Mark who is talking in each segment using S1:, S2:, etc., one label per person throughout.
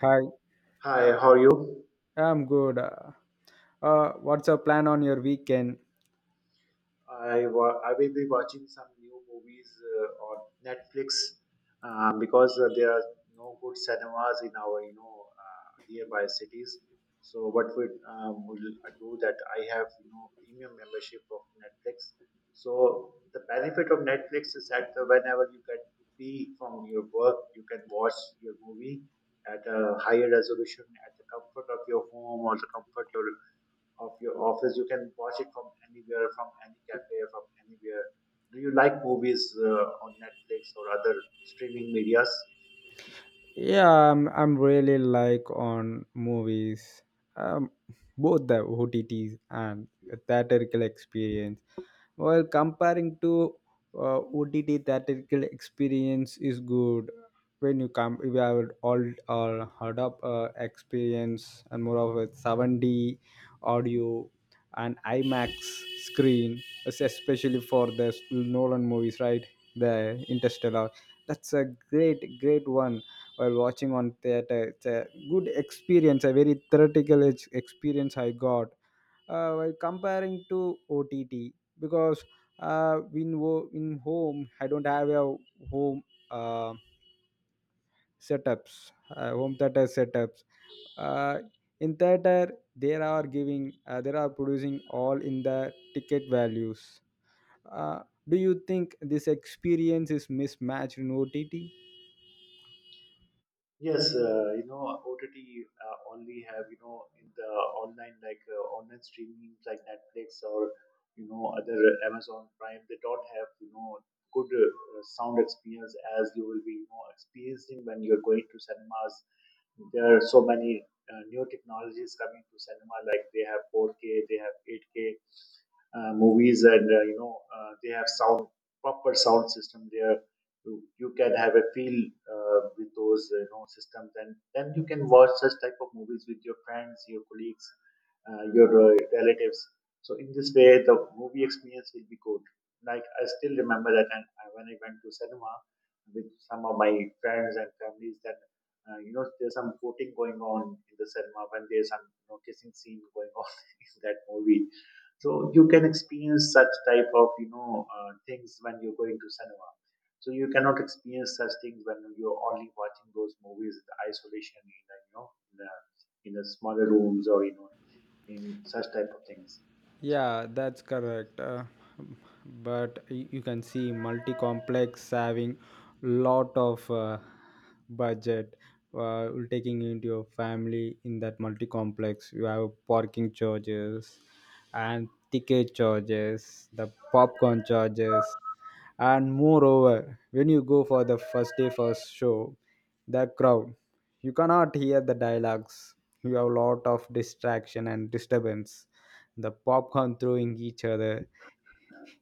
S1: Hi,
S2: Hi, how are you?
S1: I'm good. What's your plan on your weekend?
S2: I will be watching some new movies on Netflix because there are no good cinemas in our nearby cities. So what we will do that I have you know premium membership of Netflix. So the benefit of Netflix is that whenever you get free from your work, you can watch your movie at a higher resolution at the comfort of your home or the comfort your of your office. You can watch it from anywhere, from any cafe, from anywhere. Do you like movies on Netflix or other streaming medias?
S1: Yeah, I'm really like on movies, um, both the OTTs and theatrical experience. Well, comparing to OTT theatrical experience is good when you come we have all heard up experience and more of a 7D audio and IMAX screen, especially for the Nolan movies, right? The Interstellar. That's a great, great one while watching on theater. It's a good experience, a very theoretical experience I got while comparing to OTT because in home I don't have a home uh, setups, home theater setups. Uh, in theater, they are producing all in the ticket values. Uh, do you think this experience is mismatched in OTT?
S2: Yes, you know OTT only have you know in the online like online streaming like Netflix or you know other Amazon Prime. They don't have you know good sound experience as you will be you know experiencing when you're going to cinemas. There are so many new technologies coming to cinema like they have 4K, they have 8K. Movies and they have sound proper sound system there, you can have a feel with those you know systems, and then you can watch such type of movies with your friends, your colleagues, your relatives. So in this way the movie experience will be good. Like, I still remember that when I went to cinema with some of my friends and families, that you know there's some voting going on in the cinema when there's some you know kissing scene going on in that movie. So you can experience such type of things when you're going to cinema. So you cannot experience such things when you're only watching those movies in the isolation, in a, you know, in the, in a smaller rooms or you know in such type of things.
S1: Yeah, that's correct. But you can see multi-complex having lot of budget will taking into your family in that multi-complex. You have parking charges and ticket charges, the popcorn charges, and moreover, when you go for the first day first show, the crowd, you cannot hear the dialogues. You have lot of distraction and disturbance the popcorn throwing each other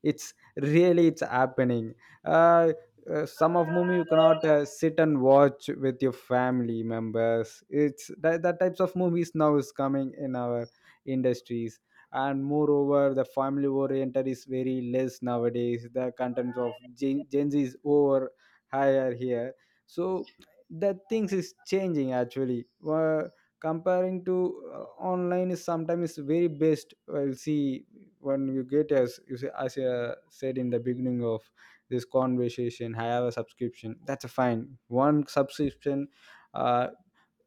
S1: it's really it's happening, uh, some of movie you cannot sit and watch with your family members it's that types of movies now is coming in our industries. And moreover the family oriented is very less nowadays the contents of gen z is over higher here so that things is changing actually. Comparing to online is sometimes very best we'll see when you get as you say, as I said in the beginning of this conversation, I have a subscription. That's a fine. One subscription, uh,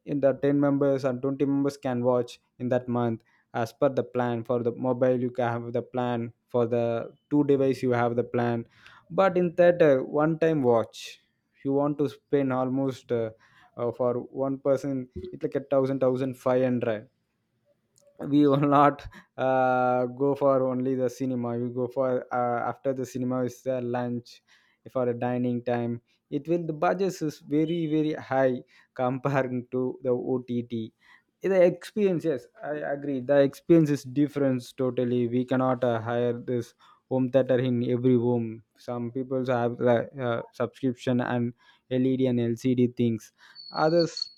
S1: in the 10 members and 20 members can watch in that month as per the plan. For the mobile, you can have the plan. For the two device, you have the plan. But in theater, one time watch, you want to spend almost for one person, it's like 1,000, 1,500. We will not go for only the cinema. We go for after the cinema is the lunch for a dining time it will the budget is very very high comparing to the OTT the experience. Yes, I agree the experience is different totally. We cannot hire this home theater in every home. Some people have the subscription and LED and LCD things others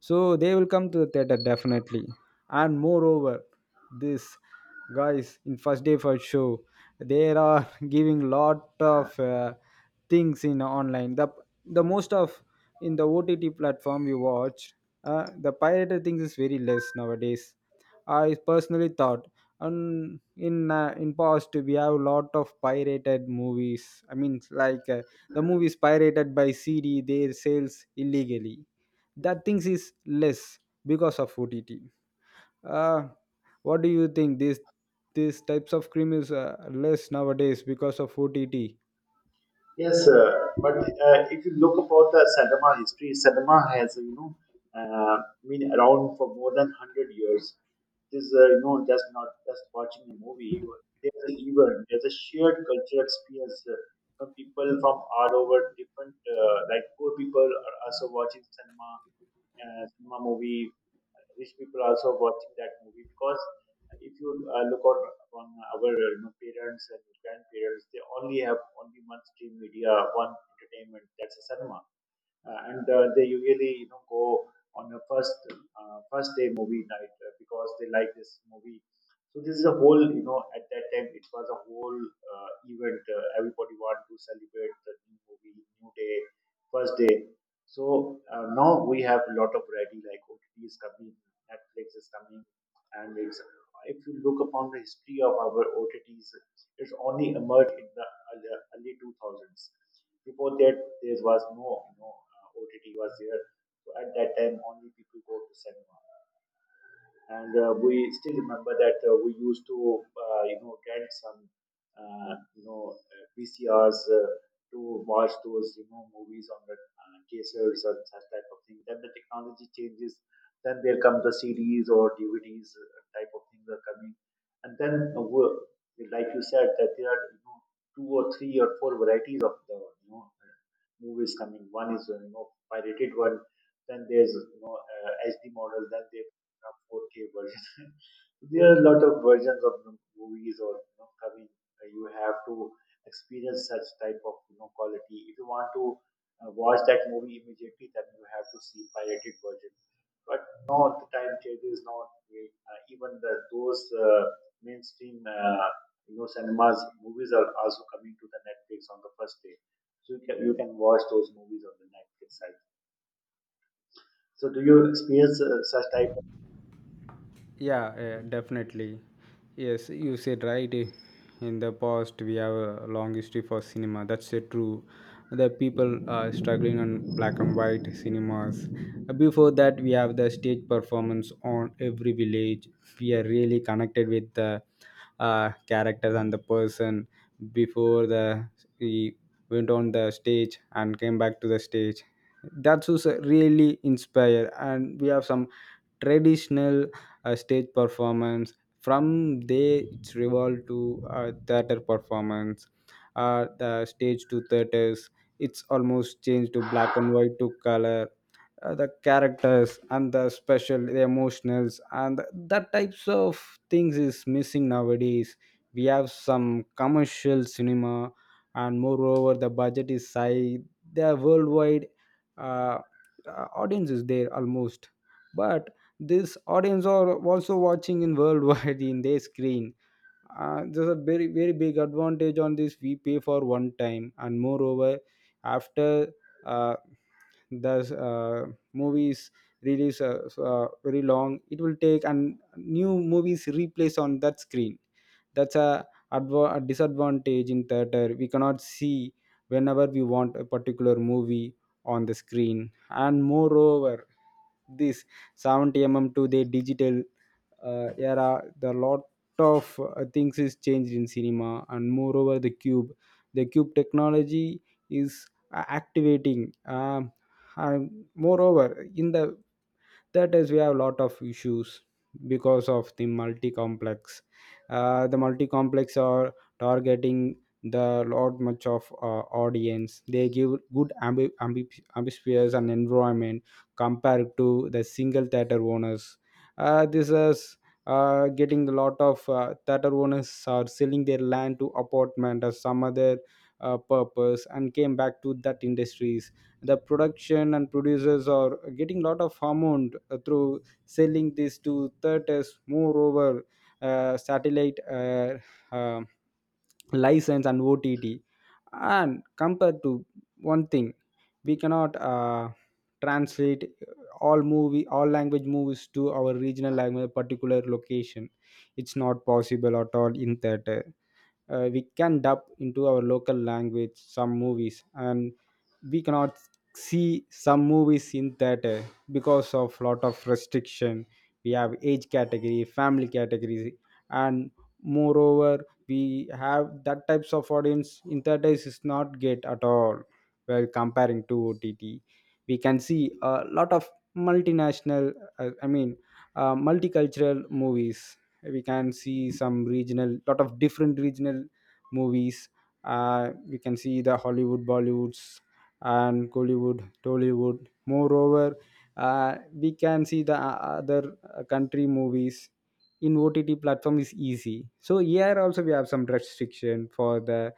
S1: so they will come to the theater definitely. And moreover this guys in first day first show they are giving lot of things in online the most of in the OTT platform you watch the pirated things is very less nowadays. I personally thought. And in past we have a lot of pirated movies, I mean like the movies pirated by CD their sales illegally that things is less because of OTT. Uh, what do you think? These types of cream is less nowadays because of OTT.
S2: Yes, sir. But if you look about the cinema history, cinema has you know uh, been around for more than 100 years. It is you know just not just watching a movie. You, there's an event, there's a shared cultural experience from people from all over different, like poor people are also watching cinema, cinema movie, rich people also watching that movie. Because if you look out on our you know parents and grandparents, they only have only one stream media, one entertainment. That's a cinema, and they usually you know go on a first day movie night because they like this movie. So this is a whole, you know, at that time it was a whole event. Everybody wanted to celebrate the new movie, new day, first day. So now we have a lot of variety like OTT is coming, Netflix is coming, and it's, if you look upon the history of our OTTs, it's only emerged in the early 2000s. Before that, there was no, you know, OTT was there. So at that time, only people go to cinema. And we still remember that we used to you know get some VCRs to watch those you know movies on the cassettes and such type of thing. Then the technology changes. Then there come the CDs or DVDs type of things are coming, and then like you said that there are you know two or three or four varieties of the movies coming. One is you know pirated one. Then there's you know HD models. Then there 4K version. There are a lot of versions of you know movies or you know coming. You have to experience such type of you know quality. If you want to watch that movie immediately, then you have to see pirated version. But no, the time changes. Not even the those mainstream you know cinemas movies are also coming to the Netflix on the first day, so you can, you can watch those movies on the Netflix site. So do you experience such type.
S1: Yeah, yeah, definitely. Yes, you said right. In the past, we have a long history for cinema. That's true. The people are struggling on black and white cinemas. Before that, we have the stage performance on every village. We are really connected with the characters and the person before the he went on the stage and came back to the stage. That's was really inspire and we have some traditional stage performance. From there it's revolved to theater performance, the stage to theaters. It's almost changed to black and white to color. The characters and the special the emotionals and that types of things is missing nowadays. We have some commercial cinema and moreover the budget is high the worldwide uh, audience is there almost. But this audience are also watching in worldwide in their screen. There's a very very big advantage on this we pay for one time and moreover after uh, the movies release very long it will take and new movies replace on that screen. That's a disadvantage in theater. We cannot see whenever we want a particular movie on the screen. And moreover this 70 mm to the digital era the lot of things is changed in cinema. And moreover the cube technology is activating, and moreover in the that is we have a lot of issues because of the multi complex. The multi complex are targeting the lot much of audience. They give good ambispheres and environment compared to the single theater owners. This is getting a lot of theater owners are selling their land to apartment or some other purpose and came back to that industries. The production and producers are getting a lot of amount through selling this to theaters. Moreover satellite uh, license and OTT and compared to one thing we cannot translate all movie all language movies to our regional language particular location. It's not possible at all in theater. We can dub into our local language some movies and we cannot see some movies in theater because of lot of restriction. We have age category family category and moreover we have that types of audience in theaters is not get at all while comparing to OTT. We can see a lot of multinational, I mean multicultural movies. We can see some regional lot of different regional movies. We can see the Hollywood Bollywoods and Kollywood, Tollywood. Moreover, we can see the other country movies in OTT platform is easy. So here also we have some restriction for the,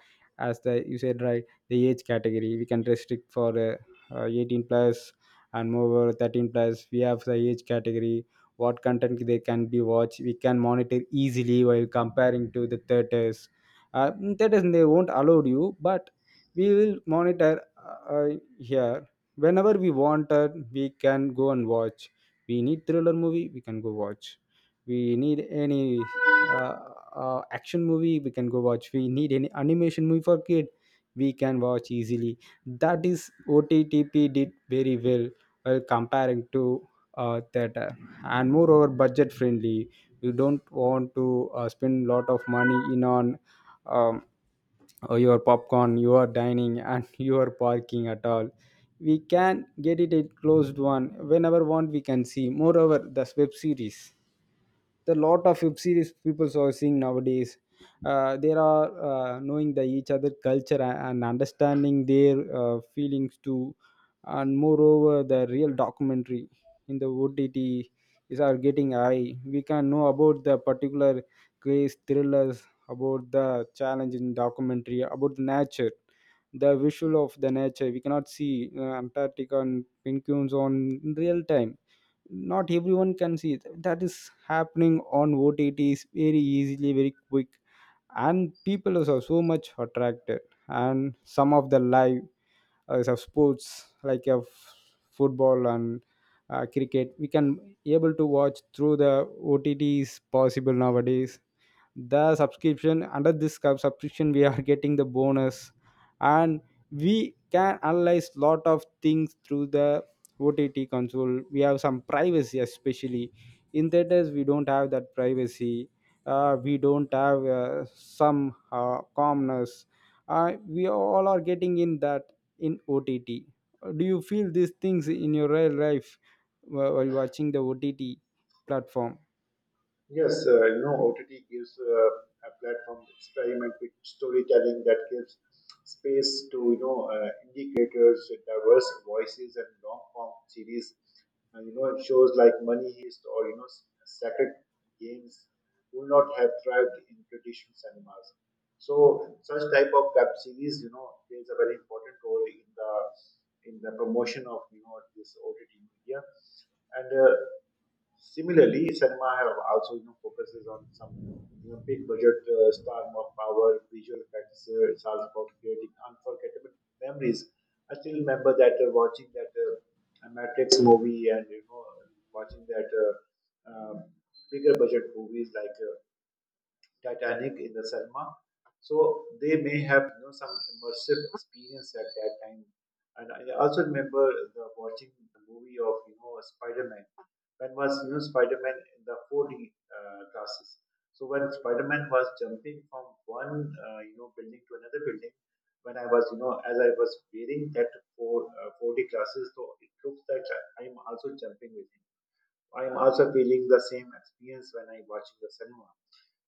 S1: as the you said right, the age category we can restrict for 18 plus and moreover 13 plus we have the age category what content they can be watched we can monitor easily while comparing to the theaters. In theaters they won't allow you but we will monitor here whenever we wanted we can go and watch. We need thriller movie we can go watch. We need any uh, action movie we can go watch. We need any animation movie for kid we can watch easily. That is ottp did very well while comparing to theater. And moreover budget friendly you don't want to spend lot of money in on um, your popcorn your dining and your parking at all. We can get it a closed one whenever want we can see moreover the web series the lot of web series people are seeing nowadays. They are knowing the each other culture and understanding their feelings too. And moreover the real documentary in the OTT is are getting high. We can know about the particular case thrillers about the challenge in documentary about the nature. The visual of the nature we cannot see Antarctica and penguins on in real time. Not everyone can see it. That is happening on OTTs very easily very quick and people is are so so much attracted. And some of the live is of sports like of football and cricket we can able to watch through the OTTs possible nowadays. The subscription under this subscription we are getting the bonus. And we can analyze lot of things through the OTT console. We have some privacy especially in theaters we don't have that privacy. We don't have some calmness we all are getting in that in OTT. Do you feel these things in your real life while watching the OTT platform?
S2: Yes, you know, OTT gives a platform to experiment with storytelling that gives space to you know indie diverse voices, and long form series. You know, shows like Money Heist or you know Sacred Games would not have thrived in traditional cinemas. So such type of web series, you know, plays a very important role in the promotion of you know this OTT media. And similarly, cinema have also you know focuses on some you know big budget star more power visual effects. It's all about creating unforgettable memories. I still remember that watching that Matrix movie and you know watching that bigger budget movies like. Titanic in the cinema. So they may have you know some immersive experience at that time. And I also remember the watching the movie of you know Spider Man. When was you know Spider Man in the 4D glasses? So when Spider Man was jumping from one you know building to another building, when I was you know, as I was wearing that 4 uh, 4D glasses, so it looks like I am also jumping with him. I am also feeling the same experience when I watching the cinema.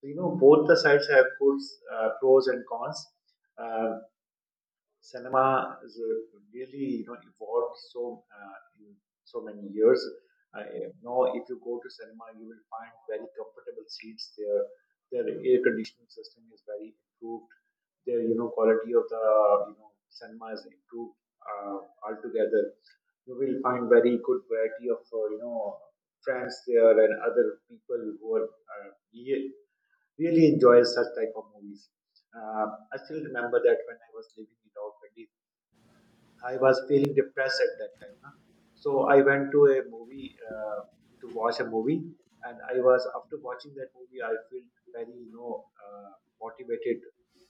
S2: So, you know, both the sides have good pros and cons. uh, Cinema is really you know evolved so in so many years. I, now if you go to cinema, you will find very comfortable seats there. Their air conditioning system is very improved. Their you know quality of the you know cinema is improved uh, altogether. You will find very good variety of you know friends there, and other people who are really enjoy such type of movies. Uh, I still remember that when I was living in Auckland, I was feeling depressed at that time. Na? So I went to a movie to watch a movie, and I was, after watching that movie, I felt very you know motivated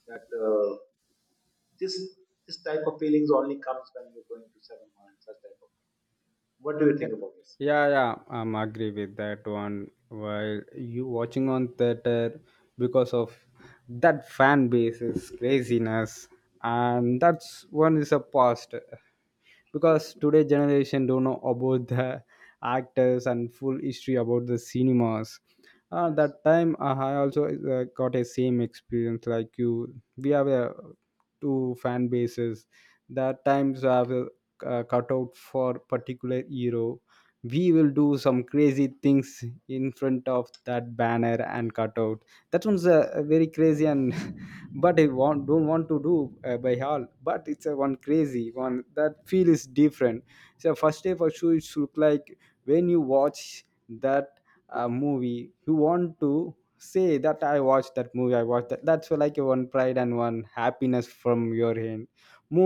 S2: that this, this type of feelings only comes when you're going to cinema and such type of. What do you
S1: Yeah,
S2: think about this?
S1: yeah, yeah. I'm agree with that one. While you watching on theater because of that fan base is craziness, and that's one is a past because today generation don't know about the actors and full history about the cinemas.
S2: Yes.
S1: That time I also got a same experience like you. We have a two fan bases that times I will cut out for particular hero. We will do some crazy things in front of that banner and cutout. That one's
S2: Mm.
S1: a very crazy and but I want don't want to do by all. But it's a one crazy one. That feel is different. So
S2: Yes.
S1: first day for sure it should look like when you watch that movie, you want to say that I watched that movie. I watched that. That's like one pride and one happiness from your end.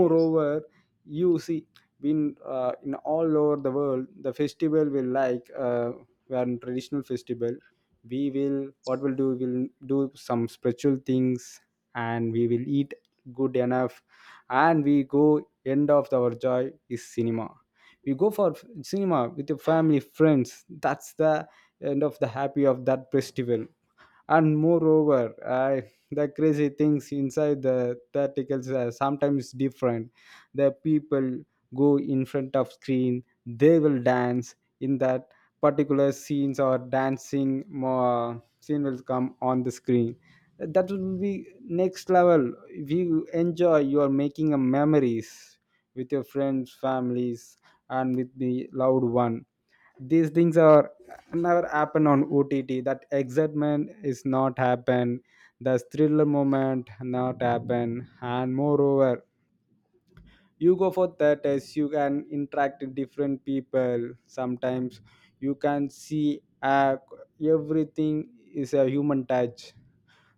S2: Yes.
S1: you see, in all over the world, the festival will like, when traditional festival, we will, what we'll do some spiritual things, and we will eat good enough. And we go, end of our joy is cinema. We go for cinema with your family friends. That's the end of the happy of that festival. And moreover, the crazy things inside the theatricals are sometimes different. The people go in front of screen, they will dance in that particular scenes, or dancing more scene will come on the screen. That will be next level. If you enjoy, you are making a memories with your friends families and with the loved one. These things are never happen on OTT. That excitement is not happen. The thriller moment not happen. And moreover, you go for theaters. You can interact with different people. Sometimes you can see, everything is a human touch.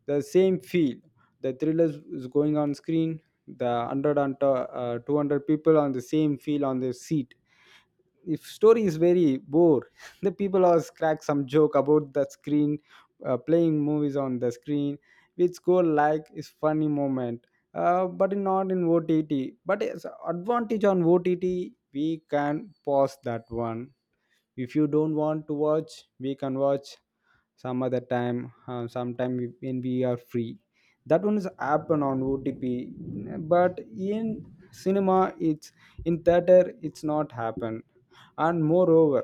S1: The same feel. The thriller is going on screen. The 100 and 200 people on the same feel on the seat, if story is very bore, the people always crack some joke about the screen, playing movies on the screen, which go like is funny moment. But not in ott. But it's advantage on ott. We can pause that one. If you don't want to watch, we can watch some other time, sometime when we are free. That one is happen on otp. But in cinema it's, in theater it's not happen. And moreover,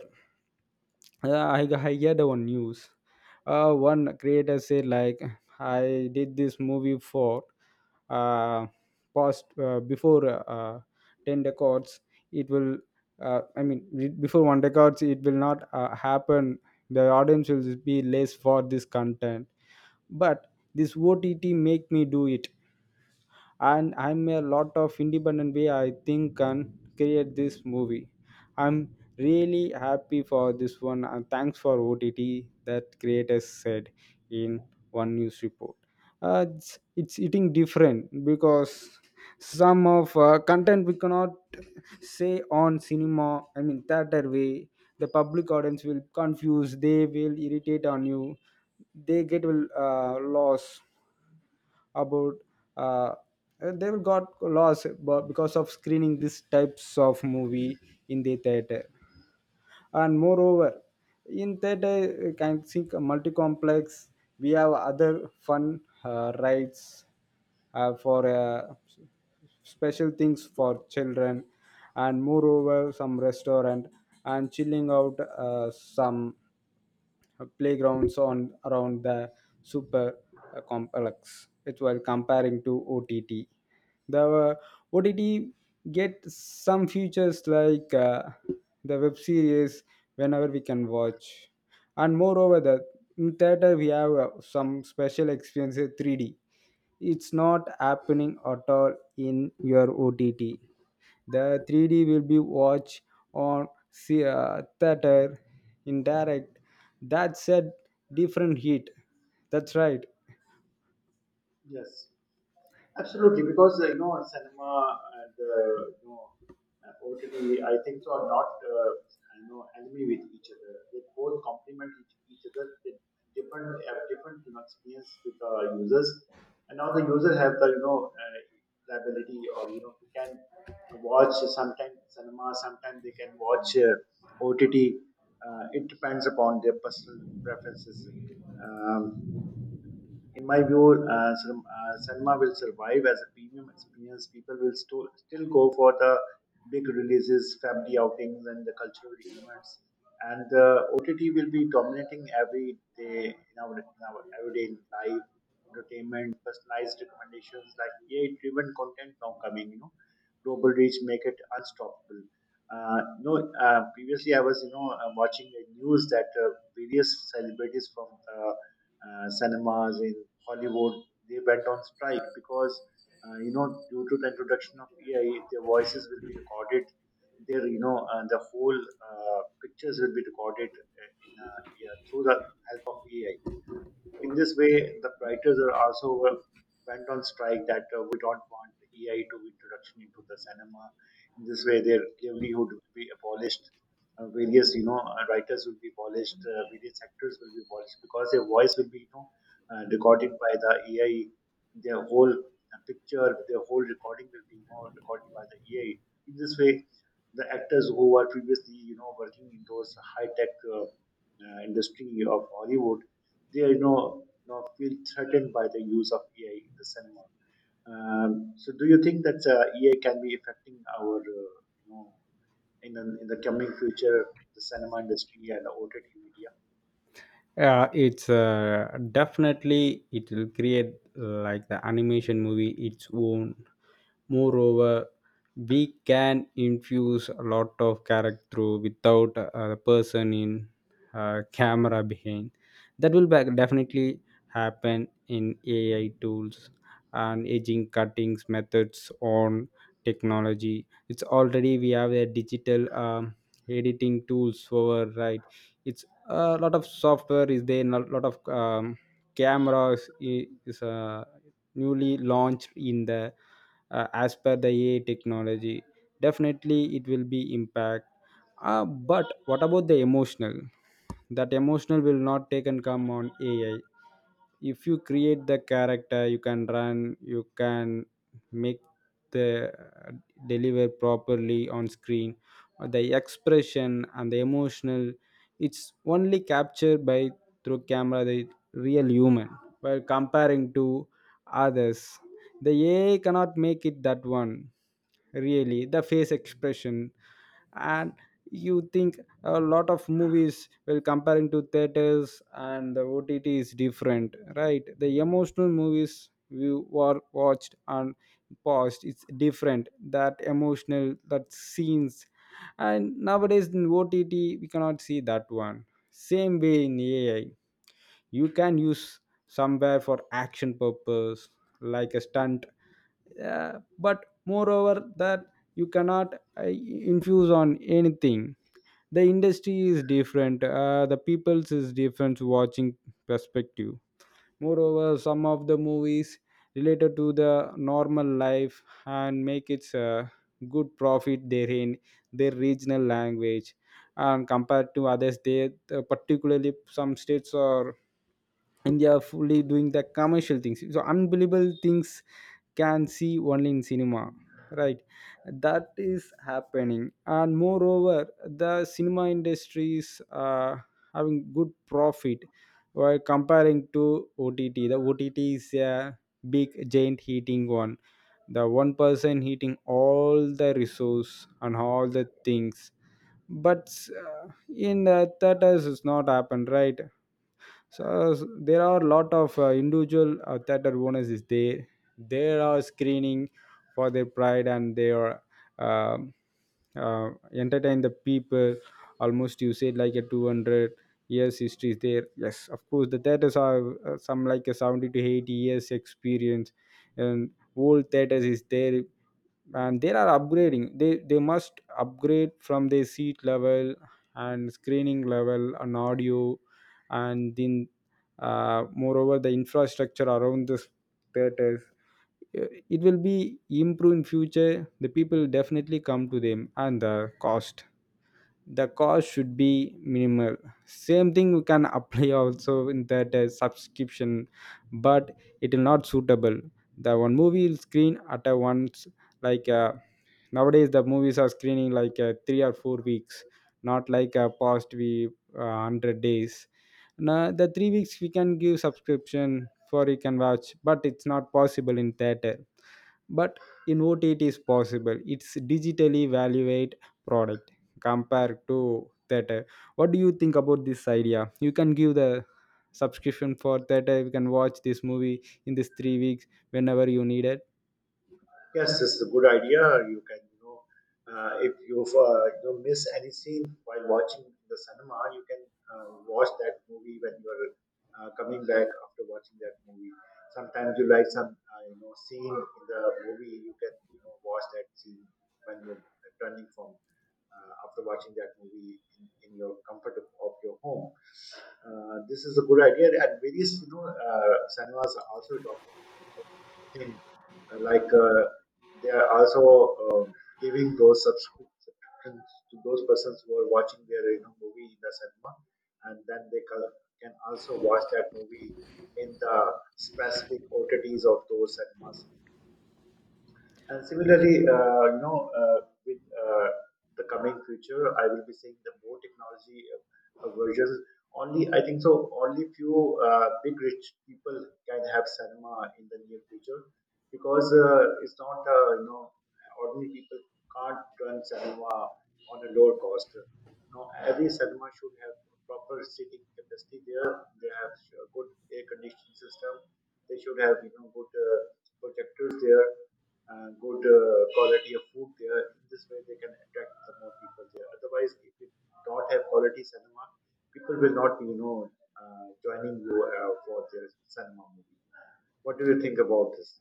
S1: yeah, I hear the one news. One creator said like, I did this movie for uh, past, before, ten records. It will, I mean, before one records, it will not happen. The audience will be less for this content. But this OTT make me do it, and I'm a lot of independent way, I think, can create this movie. I'm really happy for this one, and thanks for ott, that creators said in one news report. It's eating different, because some of content we cannot say on cinema, I mean theater way. The public audience will confuse, they will irritate on you. They get will lost about, uh, and they will got lost because of screening these types of movie in the theater. And moreover, in theater you can think a multi-complex. We have other fun rides for special things for children. And moreover some restaurant, and chilling out, some playgrounds on around the super complex. It was comparing to ott. The ott get some features like, the web series, whenever we can watch. And moreover, the, in theater we have some special experiences 3D. It's not happening at all in your ott. The 3D will be watched on theater in direct. That's a different heat. That's right.
S2: Yes. Absolutely, because you know cinema and OTT, I think so are not you know enemy with each other. They both complement each other. They different have different you know experience with the users, and now the user have the you know ability or you know can watch sometimes cinema, sometimes they can watch OTT. It depends upon their personal preferences. Um, in my view, cinema will survive as a premium experience. People will still go for the big releases, family outings, and the cultural events. And OTT will be dominating every day in our everyday life, entertainment, personalized recommendations like AI-driven content now coming. You know, global reach make it unstoppable. Uh, no. Know, previously I was you know watching the news that various celebrities from cinemas in Hollywood, they went on strike because, you know, due to the introduction of AI, their voices will be recorded. Their, you know, the whole pictures will be recorded yeah, through the help of AI. In this way, the writers are also went on strike that we don't want AI to introduction into the cinema. In this way, their livelihood will be abolished. Various, you know, writers will be abolished. Various actors will be abolished because their voice will be, you know, recorded by the AI. Their whole picture, their whole recording will be, you know, recorded by the AI. In this way, the actors who were previously, you know, working in those high tech industry of Hollywood, they are you know feel threatened by the use of AI in the cinema. So, do you think that AI can be affecting our, you know, in the coming future, the cinema industry and the OTT media?
S1: Yeah, it's, definitely it will create like the animation movie its own. Moreover, we can infuse a lot of character through without a person in camera behind. That will back definitely happen in ai tools. And aging cuttings methods on technology, it's already we have a digital editing tools for, right? It's a lot of software is there, a lot of cameras is newly launched in the, as per the ai technology. Definitely it will be impact. But what about the emotional? That emotional will not take and come on ai. If you create the character, you can run, you can make the deliver properly on screen, the expression and the emotional. It's only captured by through camera, the real human. While comparing to others, the ai cannot make it that one. Really, the face expression. And you think a lot of movies, well comparing to theaters and the ott is different, right? The emotional movies we were watched and paused, it's different, that emotional, that scenes. And nowadays in ott we cannot see that one. Same way in ai, you can use somewhere for action purpose, like a stunt, uh, but moreover that, you cannot infuse on anything. The industry is different, the people's is different, watching perspective. Moreover, some of the movies related to the normal life and make its good profit therein their regional language. And compared to others, they, particularly some states are, and they are fully doing the commercial things, so unbelievable things can see only in cinema, right? That is happening. And moreover, the cinema industry is having good profit while comparing to ott. The ott is a big giant heating one, the one person heating all the resource and all the things. But uh, in the theaters, it's not happened, right? So there are a lot of individual theater owners is there. There are screening for their pride, and they are um entertain the people. Almost you said like a 200 years history is there, yes of course. The theaters are, some like a 70 to 80 years experience, and old theaters is there. And they are upgrading, they must upgrade from their seat level and screening level and audio. And then moreover the infrastructure around the theaters, Uh, it will be improved in future. The people definitely come to them. And the cost, the cost should be minimal. Same thing we can apply also in that subscription. But it will not suitable. The one movie will screen at a once, like nowadays the movies are screening like, 3 or 4 weeks, not like past we 100 days. Now the 3 weeks we can give subscription for, you can watch, but it's not possible in theater. But in what it is possible, it's digitally evaluate product compared to theater. What do you think about this idea? You can give the subscription for theater, you can watch this movie in this 3 weeks whenever you need it.
S2: Yes, this is a good idea. You can, you know, if you you know miss any scene while watching the cinema, you can watch that movie when you are coming back after watching that movie. Sometimes you like some, you know, scene in the movie. You can, you know, watch that scene when you're returning from, after watching that movie in your comfort of your home. This is a good idea, and various, you know, cinemas are also talking thing. Like they are also um giving those subscriptions to those persons who are watching their you know movie in the cinema, and then they can also watch that movie in the specific OTTs of those cinemas. And similarly, you know, with the coming future, I will be seeing the more technology versions. Only I think so. Only few big rich people can have cinema in the near future, because it's not you know ordinary people can't run cinema on a lower cost. Now, every cinema should have proper seating capacity there. They have a good air conditioning system. They should have you know good projectors there, good quality of food there. In this way, they can attract the more people there. Otherwise, if you don't have quality cinema, people will not you know joining you for their cinema movie. What do you think about this?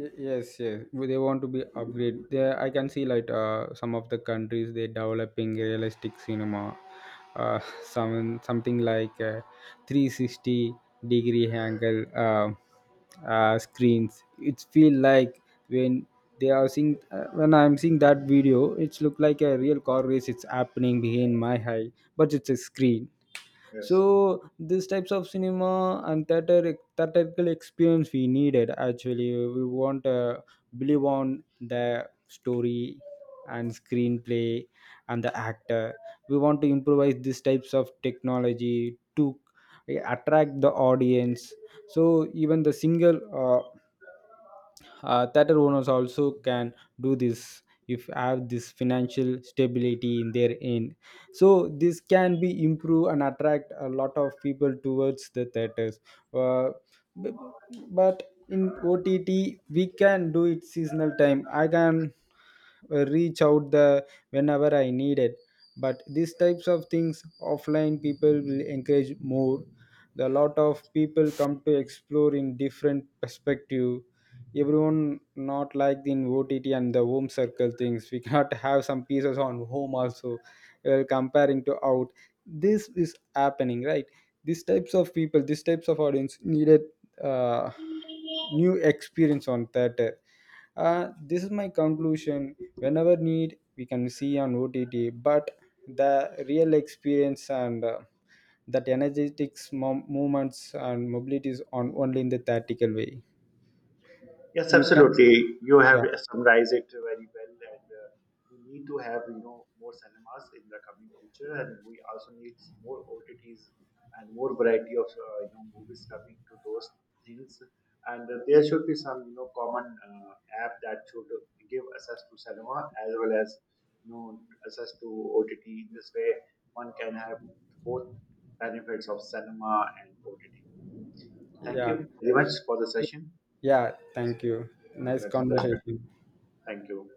S1: Yes, yes. Well, they want to be upgrade there. I can see like, some of the countries they developing realistic cinema, uh, something like 360-degree angle, uh, screens. It feel like when they are seeing, when I'm seeing that video, it's look like a real car race, it's happening behind my eye, but it's a screen.
S2: Yes.
S1: So these types of cinema and theater theatrical experience we needed. Actually, we want to believe on the story and screenplay and the actor. We want to improvise these types of technology to attract the audience. So even the single theater owners also can do this, if have this financial stability in their end. So this can be improve and attract a lot of people towards the theaters. uh, but in ott, we can do it seasonal time. I can reach out the whenever I need it. But these types of things offline, people will encourage more. The lot of people come to explore in different perspective. Everyone not like the ott and the home circle things. We cannot have some pieces on home also, comparing to out. This is happening, right? These types of people, these types of audience needed uh, new experience on theater. This is my conclusion. Whenever need we can see on ott, but the real experience and that energetics movements and mobilities on only in the theatrical way.
S2: Yes,
S1: You can,
S2: absolutely. You have
S1: yeah,
S2: summarized it very well, and we need to have you know more cinemas in the coming future, and we also need more OTTs and more variety of you know movies coming to those things. And there should be some you know common app that should give access to cinema as well as you know access to OTT. In this way, one can have both benefits of cinema and OTT. Thank
S1: yeah,
S2: you very much for the session.
S1: yeah. Thank you. Nice
S2: Let's wrap it.
S1: conversation.
S2: Thank you.